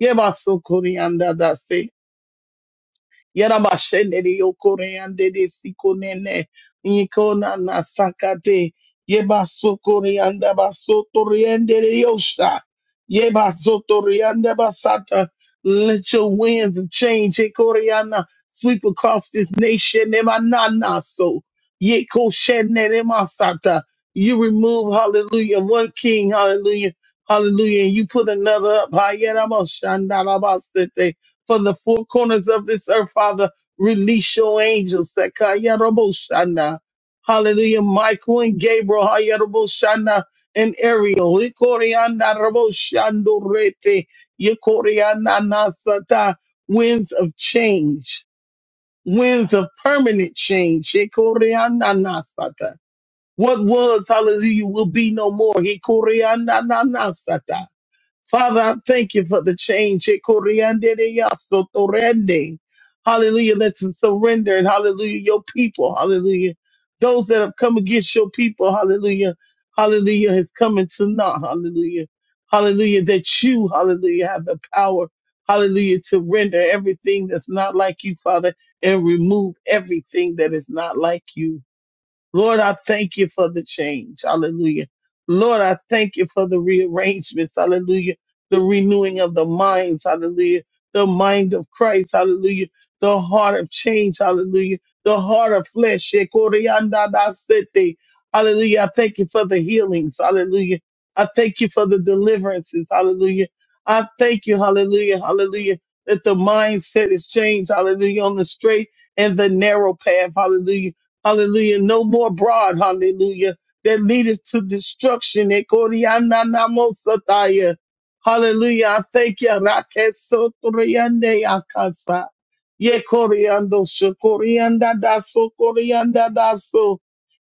Speaker 2: Yemasokoriandadase. Yarabashenere yokoreande de sikonene. Ikona nasakate. Yeba sokoreanda basotoriande de yosha. Yeba sotorianda basata. Let your winds of change, Hekoriana, sweep across this nation. Emanana so. Yekoshenere masata. You remove, hallelujah, one king, hallelujah, hallelujah, and you put another up. Hayeramashandarabasete from the four corners of this earth, Father. Release your angels. Sekayaroboshana. Hallelujah. Michael and Gabriel. Hayaroboshana. And Ariel. Ikorianaroboshandorete. Ikoriananasata. Winds of change. Winds of permanent change. Ikoriananasata. What was, hallelujah, will be no more. Ikoriananasata. Father, I thank you for the change. Eh, coriande de yasso yasotorende Hallelujah. That's a surrender. And hallelujah, your people. Hallelujah. Those that have come against your people. Hallelujah. Hallelujah has come into naught. Hallelujah. Hallelujah. That you, hallelujah, have the power. Hallelujah. To render everything that's not like you, Father, and remove everything that is not like you. Lord, I thank you for the change. Hallelujah. Lord, I thank you for the rearrangements. Hallelujah. The renewing of the minds. Hallelujah. The mind of Christ. Hallelujah. The heart of change. Hallelujah. The heart of flesh. Shekoriandadasete. Hallelujah. I thank you for the healings. Hallelujah. I thank you for the deliverances. Hallelujah. I thank you. Hallelujah. Hallelujah. That the mindset is changed. Hallelujah. On the straight and the narrow path. Hallelujah Hallelujah. No more broad. Hallelujah. That leadeth to destruction. Ekoriananamosataya. Hallelujah. I thank you. Rakesotoriande akasa. Yekoriando shokorianda daso korianda daso.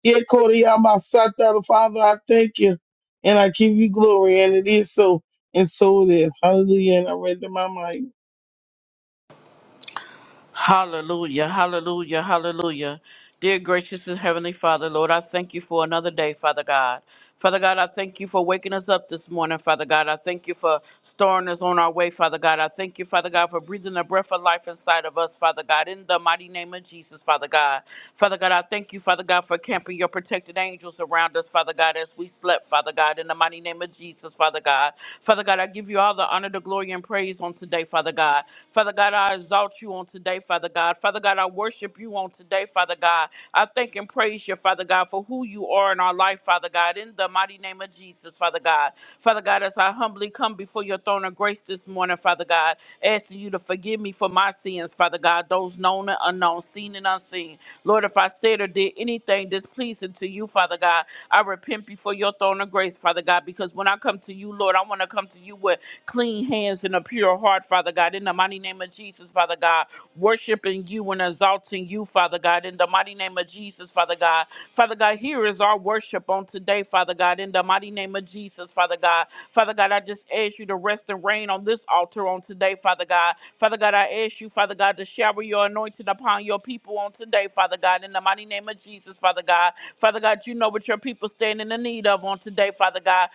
Speaker 2: Yekoriamasata. Father, I thank you. And I give you glory. And it is so. And so it is. Hallelujah. And I render my mic.
Speaker 3: Hallelujah, hallelujah, hallelujah. Dear gracious and heavenly Father, Lord, I thank you for another day, Father God. Father God, I thank you for waking us up this morning, Father God. I thank you for storing us on our way, Father God. I thank you, Father God, for breathing the breath of life inside of us, Father God, in the mighty name of Jesus, Father God. Father God, I thank you, Father God, for camping your protected angels around us, Father God, as we slept, Father God, in the mighty name of Jesus. Jesus, Father God. Father God, I give you all the honor, the glory, and praise on today, Father God. Father God, I exalt you on today, Father God. Father God, I worship you on today, Father God. I thank and praise you, Father God, for who you are in our life, Father God, in the mighty name of Jesus, Father God. Father God, as I humbly come before your throne of grace this morning, Father God, asking you to forgive me for my sins, Father God, those known and unknown, seen and unseen. Lord, if I said or did anything displeasing to you, Father God, I repent before your throne of grace, Father God, because when I come to you, Lord, I want to come to you with clean hands and a pure heart, Father God, in the mighty name of Jesus, Father God, worshiping you and exalting you, Father God, in the mighty name of Jesus, Father God. Father God, here is our worship on today, Father God, in the mighty name of Jesus, Father God. Father God, I just ask you to rest and reign on this altar on today, Father God. Father God, I ask you, Father God, to shower your anointing upon your people on today, Father God, in the mighty name of Jesus, Father God. Father God, you know what your people stand in the need of on today, Father God.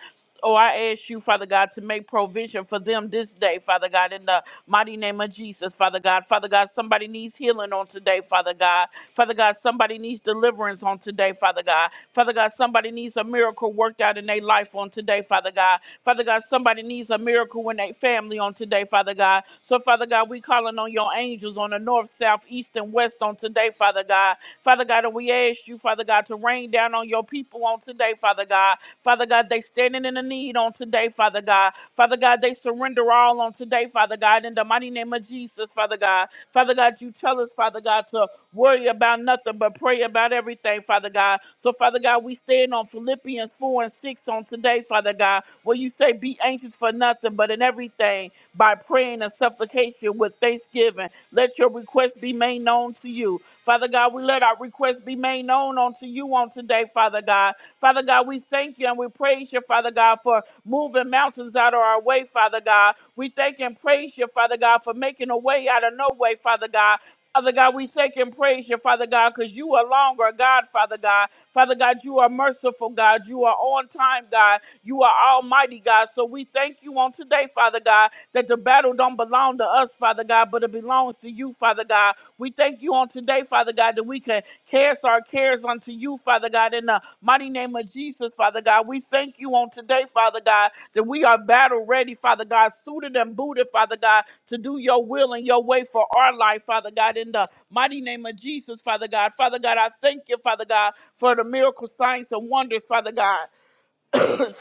Speaker 3: Oh, I ask you, Father God, to make provision for them this day, Father God, in the mighty name of name of Jesus, Father God. Father God, somebody needs healing on today, Father God. Father God, somebody needs deliverance on today, Father God. Father God, somebody needs a miracle worked out in their life on today, Father God. Father God, somebody needs a miracle in their family on today, Father God. So, Father God, we calling on your angels on the north, south, east, and west on today, Father God. Father God, and we ask you, Father God, to rain down on your people on today, Father God. Father God, they standing in the need on today, Father God. Father God, they surrender all on today, Father God, in the mighty name of Jesus, Father God. Father God, you tell us, Father God, to worry about nothing but pray about everything, Father God. So, Father God, we stand on Philippians 4 and 6 on today, Father God, where you say, Be anxious for nothing, but in everything, by praying and supplication with thanksgiving, let your request be made known to you. Father God, we let our requests be made known unto you on today, Father God. Father God, we thank you and we praise you, Father God, for moving mountains out of our way, Father God. We thank and praise you, Father God, for making a way out of no way, Father God. Father God, we thank and praise you, Father God, because you are longer, God, Father God. Father God, you are merciful, God. You are on time, God. You are almighty, God. So we thank you on today, Father God, that the battle don't belong to us, Father God, but it belongs to you, Father God. We thank you on today, Father God, that we can cast our cares cares unto you, Father God, in the mighty name of Jesus, Father God. We thank you on today, Father God, that we are battle ready, Father God, suited and booted, Father God, to do your will and your way for our life, Father God, in the mighty name of Jesus, Father God. Father God, I thank you, Father God, for the miracle signs and wonders, Father God.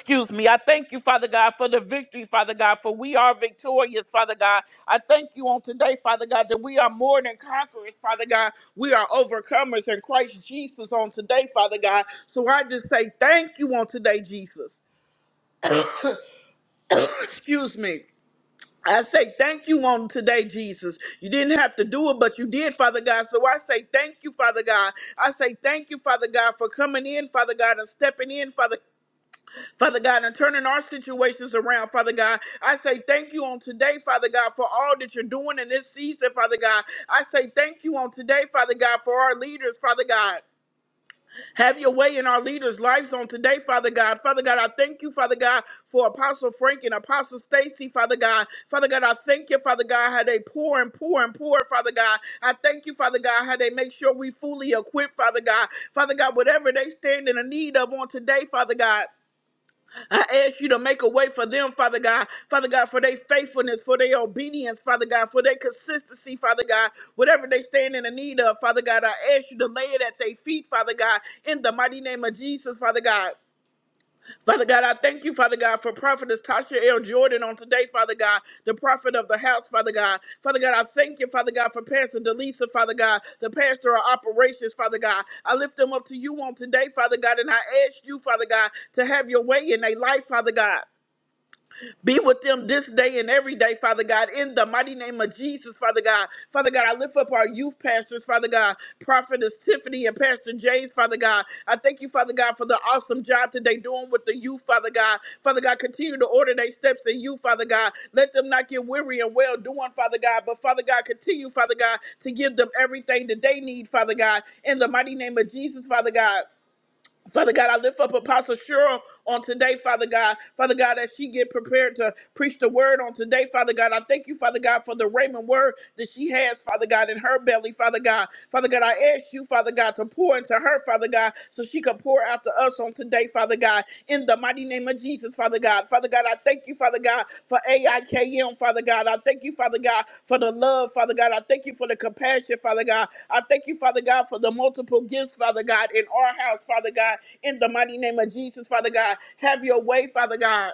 Speaker 3: Excuse me. I thank you, Father God, for the victory, Father God, for we are victorious, Father God. I thank you on today, Father God, that we are more than conquerors, Father God. We are overcomers in Christ Jesus on today, Father God. So I just say thank you on today, Jesus. Excuse me. I say thank you on today, Jesus. You didn't have to do it, but you did, Father God. So I say thank you, Father God. I say thank you, Father God, for coming in, Father God, and stepping in, Father Father God, and turning our situations around, Father God. I say thank you on today, Father God, for all that you're doing in this season, Father God. I say thank you on today, Father God, for our leaders, Father God. Have your way in our leaders' lives on today, Father God. Father God, I thank you, Father God, for Apostle Frank and Apostle Stacy, Father God. Father God, I thank you, Father God, how they pour and pour and pour, Father God. I thank you, Father God, how they make sure we fully equipped, Father God. Father God, whatever they stand in the need of on today, Father God. I ask you to make a way for them, Father God. Father God, for their faithfulness, for their obedience, Father God, for their consistency, Father God. Whatever they stand in the need of, Father God, I ask you to lay it at their feet, Father God, in the mighty name of Jesus, Father God. Father God, I thank you, Father God, for prophetess Tasha L. Jordan on today, Father God, the prophet of the house, Father God. Father God, I thank you, Father God, for Pastor Delisa, Father God, the pastor of operations, Father God. I lift them up to you on today, Father God, and I ask you, Father God, to have your way in their life, Father God. Be with them this day and every day, Father God, in the mighty name of Jesus, Father God. Father God, I lift up our youth pastors, Father God, Prophetess Tiffany and Pastor James, Father God. I thank you, Father God, for the awesome job that they doing with the youth, Father God. Father God, continue to order their steps in you, Father God. Let them not get weary and well doing, Father God. But Father God, continue, Father God, to give them everything that they need, Father God. In the mighty name of Jesus, Father God. Father God, I lift up Apostle Cheryl on today, Father God. Father God, that she get prepared to preach the word on today, Father God. I thank you, Father God, for the Raymond word that she has, Father God, in her belly, Father God. Father God, I ask you, Father God, to pour into her, Father God, so she can pour out to us on today, Father God in the mighty name of Jesus, Father God. Father God, I thank you, Father God, for AIKM, Father God. I thank you, Father God, for the love, Father God. I thank you for the compassion, Father God. I thank you, Father God, for the multiple gifts, Father God, in our house, Father God, in the mighty name of Jesus, Father God. Have your way, Father God.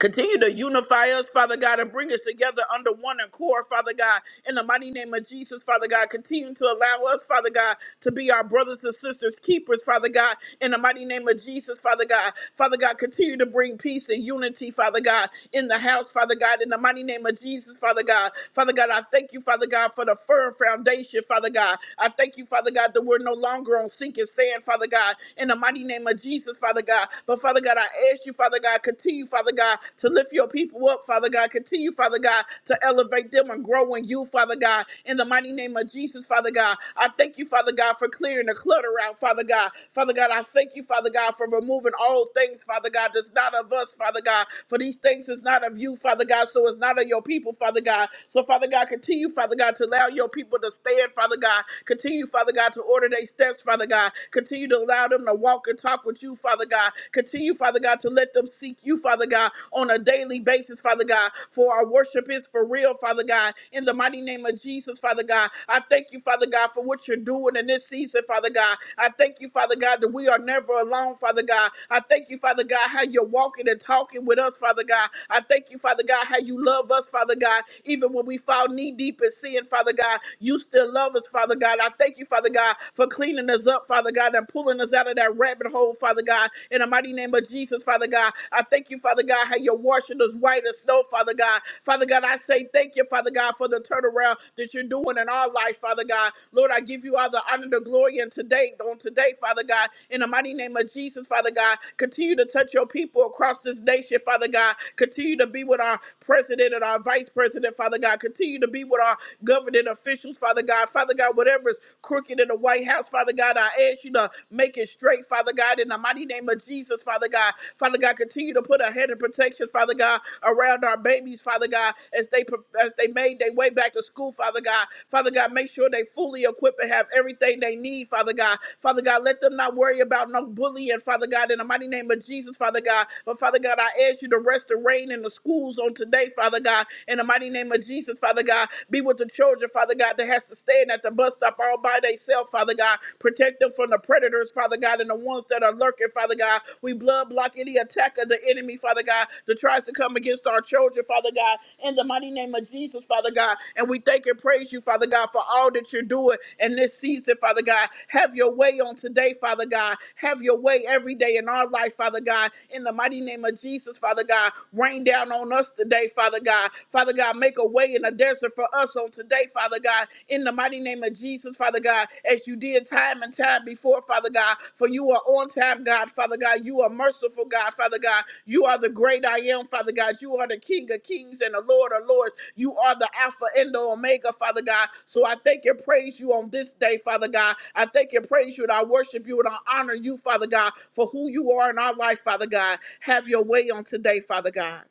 Speaker 3: Continue to unify us, Father God, and bring us together under one accord, Father God. In the mighty name of Jesus, Father God, continue to allow us, Father God, to be our brothers and sisters, keepers, Father God, in the mighty name of Jesus, Father God. Father God, continue to bring peace and unity, Father God, in the house, Father God. In the mighty name of Jesus, Father God. Father God, I thank you, Father God, for the firm foundation, Father God. I thank you, Father God, that we're no longer on sinking sand, Father God. In the mighty name of Jesus, Father God. But Father God, I ask you, Father God, continue, Father God, to lift your people up, Father God. Continue, Father God, to elevate them and grow in you, Father God. In the mighty name of Jesus, Father God. I thank you, Father God for clearing the clutter out, Father God. Father God, I thank you, Father God, for removing all things, Father God, that's not of us, Father God. For these things is not of you, Father God, so it's not of your people, Father God. So, Father God, continue, Father God, to allow your people to stand, Father God. Continue, Father God, to order their steps, Father God. Continue to allow them to walk and talk with you, Father God. Continue, Father God, to let them seek you, Father God, on a daily basis, Father God. For our worship is for real, Father God. In the mighty name of Jesus, Father God. God. I thank you, Father God, for what you're doing in this season, Father God. I thank you, Father God, that we are never alone, Father God. I thank you, Father God, how you're walking and talking with us, Father God. I thank you, Father God, how you love us, Father God. Even when we fall knee deep in sin, Father God, you still love us, Father God. I thank you, Father God, for cleaning us up, Father God, and pulling us out of that rabbit hole, Father God. In the mighty name of Jesus, Father God, I thank you, Father God, how you're washing us white as snow, Father God. Father God, I say thank thank you, Father God, for the turnaround that you're doing in our life, Father God. Lord, I give you all the honor, the glory, and today, on today, Father God, in the mighty name of Jesus, Father God, continue to touch your people across this nation, Father God. Continue to be with our president and our vice president, Father God. Continue to be with our governing officials, Father God. Father God, whatever is crooked in the White House, Father God, I ask you to make it straight, Father God, in the mighty name of Jesus, Father God. Father God, continue to put a head of protection, Father God, around our babies, Father God, as they as they made their way back to school, Father God. Father God, make sure they fully equipped and have everything they need, Father God. Father God, let them not worry about no bullying, Father God, in the mighty name of Jesus, Father God. But Father God, I ask you to rest the rain in the schools on today, Father God, in the mighty name of Jesus, Father God. Be with the children, Father God, that has to stand at the bus stop all by themselves, Father God. Protect them from the predators, Father God, and the ones that are lurking, Father God. We blood block any attack of the enemy, Father God. God, that tries to come against our children, Father God, in the mighty name of Jesus, Father God. And we thank and praise you, Father God, for all that you're doing in this season, Father God. Have your way on today, Father God. Have your way every day in our life, Father God. In the mighty name of Jesus, Father God, rain down on us today, Father God. Father God, make a way in the desert for us on today, Father God. In the mighty name of Jesus, Father God, as you did time and time before, Father God, for you are on time, God, Father God. You are merciful, God, Father God. You are the great I am, Father God. You are the King of kings and the Lord of lords. You are the Alpha and the Omega, Father God. So I thank and praise you on this day, Father God. I thank and praise you and I worship you and I honor you, Father God, for who you are in our life, Father God. Have your way on today, Father God.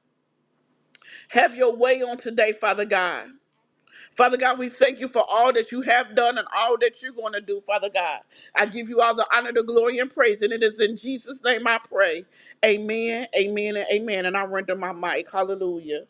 Speaker 3: Have your way on today, Father God. Father God, we thank you for all that you have done and all that you're going to do, Father God. I give you all the honor, the glory, and praise. And it is in Jesus' name I pray. Amen, amen, and amen. And I render my mic. Hallelujah.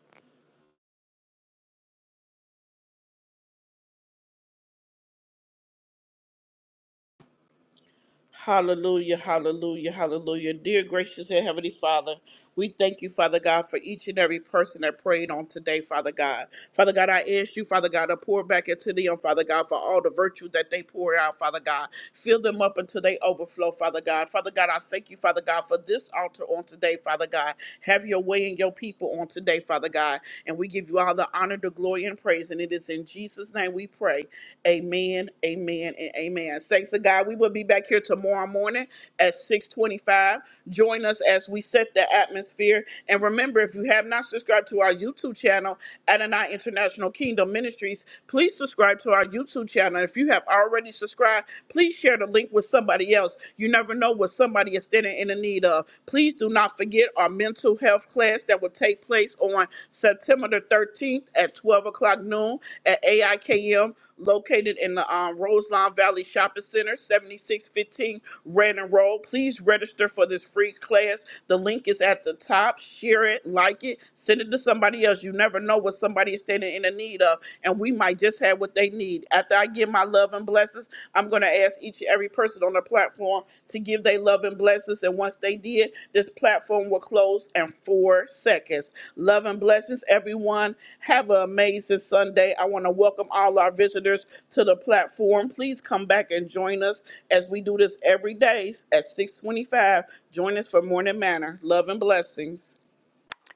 Speaker 3: Hallelujah, hallelujah, hallelujah. Dear gracious and heavenly Father, we thank you, Father God, for each and every person that prayed on today, Father God. Father God, I ask you, Father God, to pour back into them, Father God, for all the virtue that they pour out, Father God. Fill them up until they overflow, Father God. Father God, I thank you, Father God, for this altar on today, Father God. Have your way in your people on today, Father God. And we give you all the honor, the glory, and praise. And it is in Jesus' name we pray. Amen, amen, and amen. Thanks to God. We will be back here tomorrow morning at 625. Join us as we set the atmosphere. And remember, if you have not subscribed to our YouTube channel, Adonai International Kingdom Ministries, please subscribe to our YouTube channel. If you have already subscribed, please share the link with somebody else. You never know what somebody is standing in the need of. Please do not forget our mental health class that will take place on September the 13th at 12 o'clock noon at AIKM located in the um, Roseline Valley Shopping Center, 7615 Redden Road. Please register for this free class. The link is at the top. Share it, like it, send it to somebody else. You never know what somebody is standing in the need of, and we might just have what they need. After I give my love and blessings, I'm going to ask each and every person on the platform to give their love and blessings. And once they did, this platform will close in four seconds. Love and blessings, everyone. Have an amazing Sunday. I want to welcome all our visitors to the platform. Please come back and join us as we do this every day at 625. Join us for Morning Manor. Love and blessings.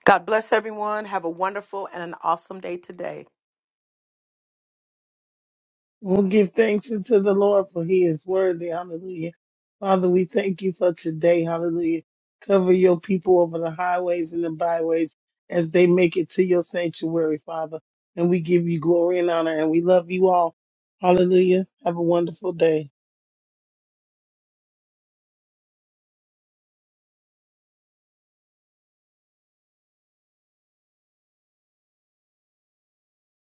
Speaker 1: God bless everyone. Have a wonderful and an awesome day today.
Speaker 2: We'll give thanks unto the Lord for he is worthy. Hallelujah. Father, we thank you for today. Hallelujah. Cover your people over the highways and the byways as they make it to your sanctuary, Father. And we give you glory and honor and we love you all. Hallelujah. Have a wonderful day.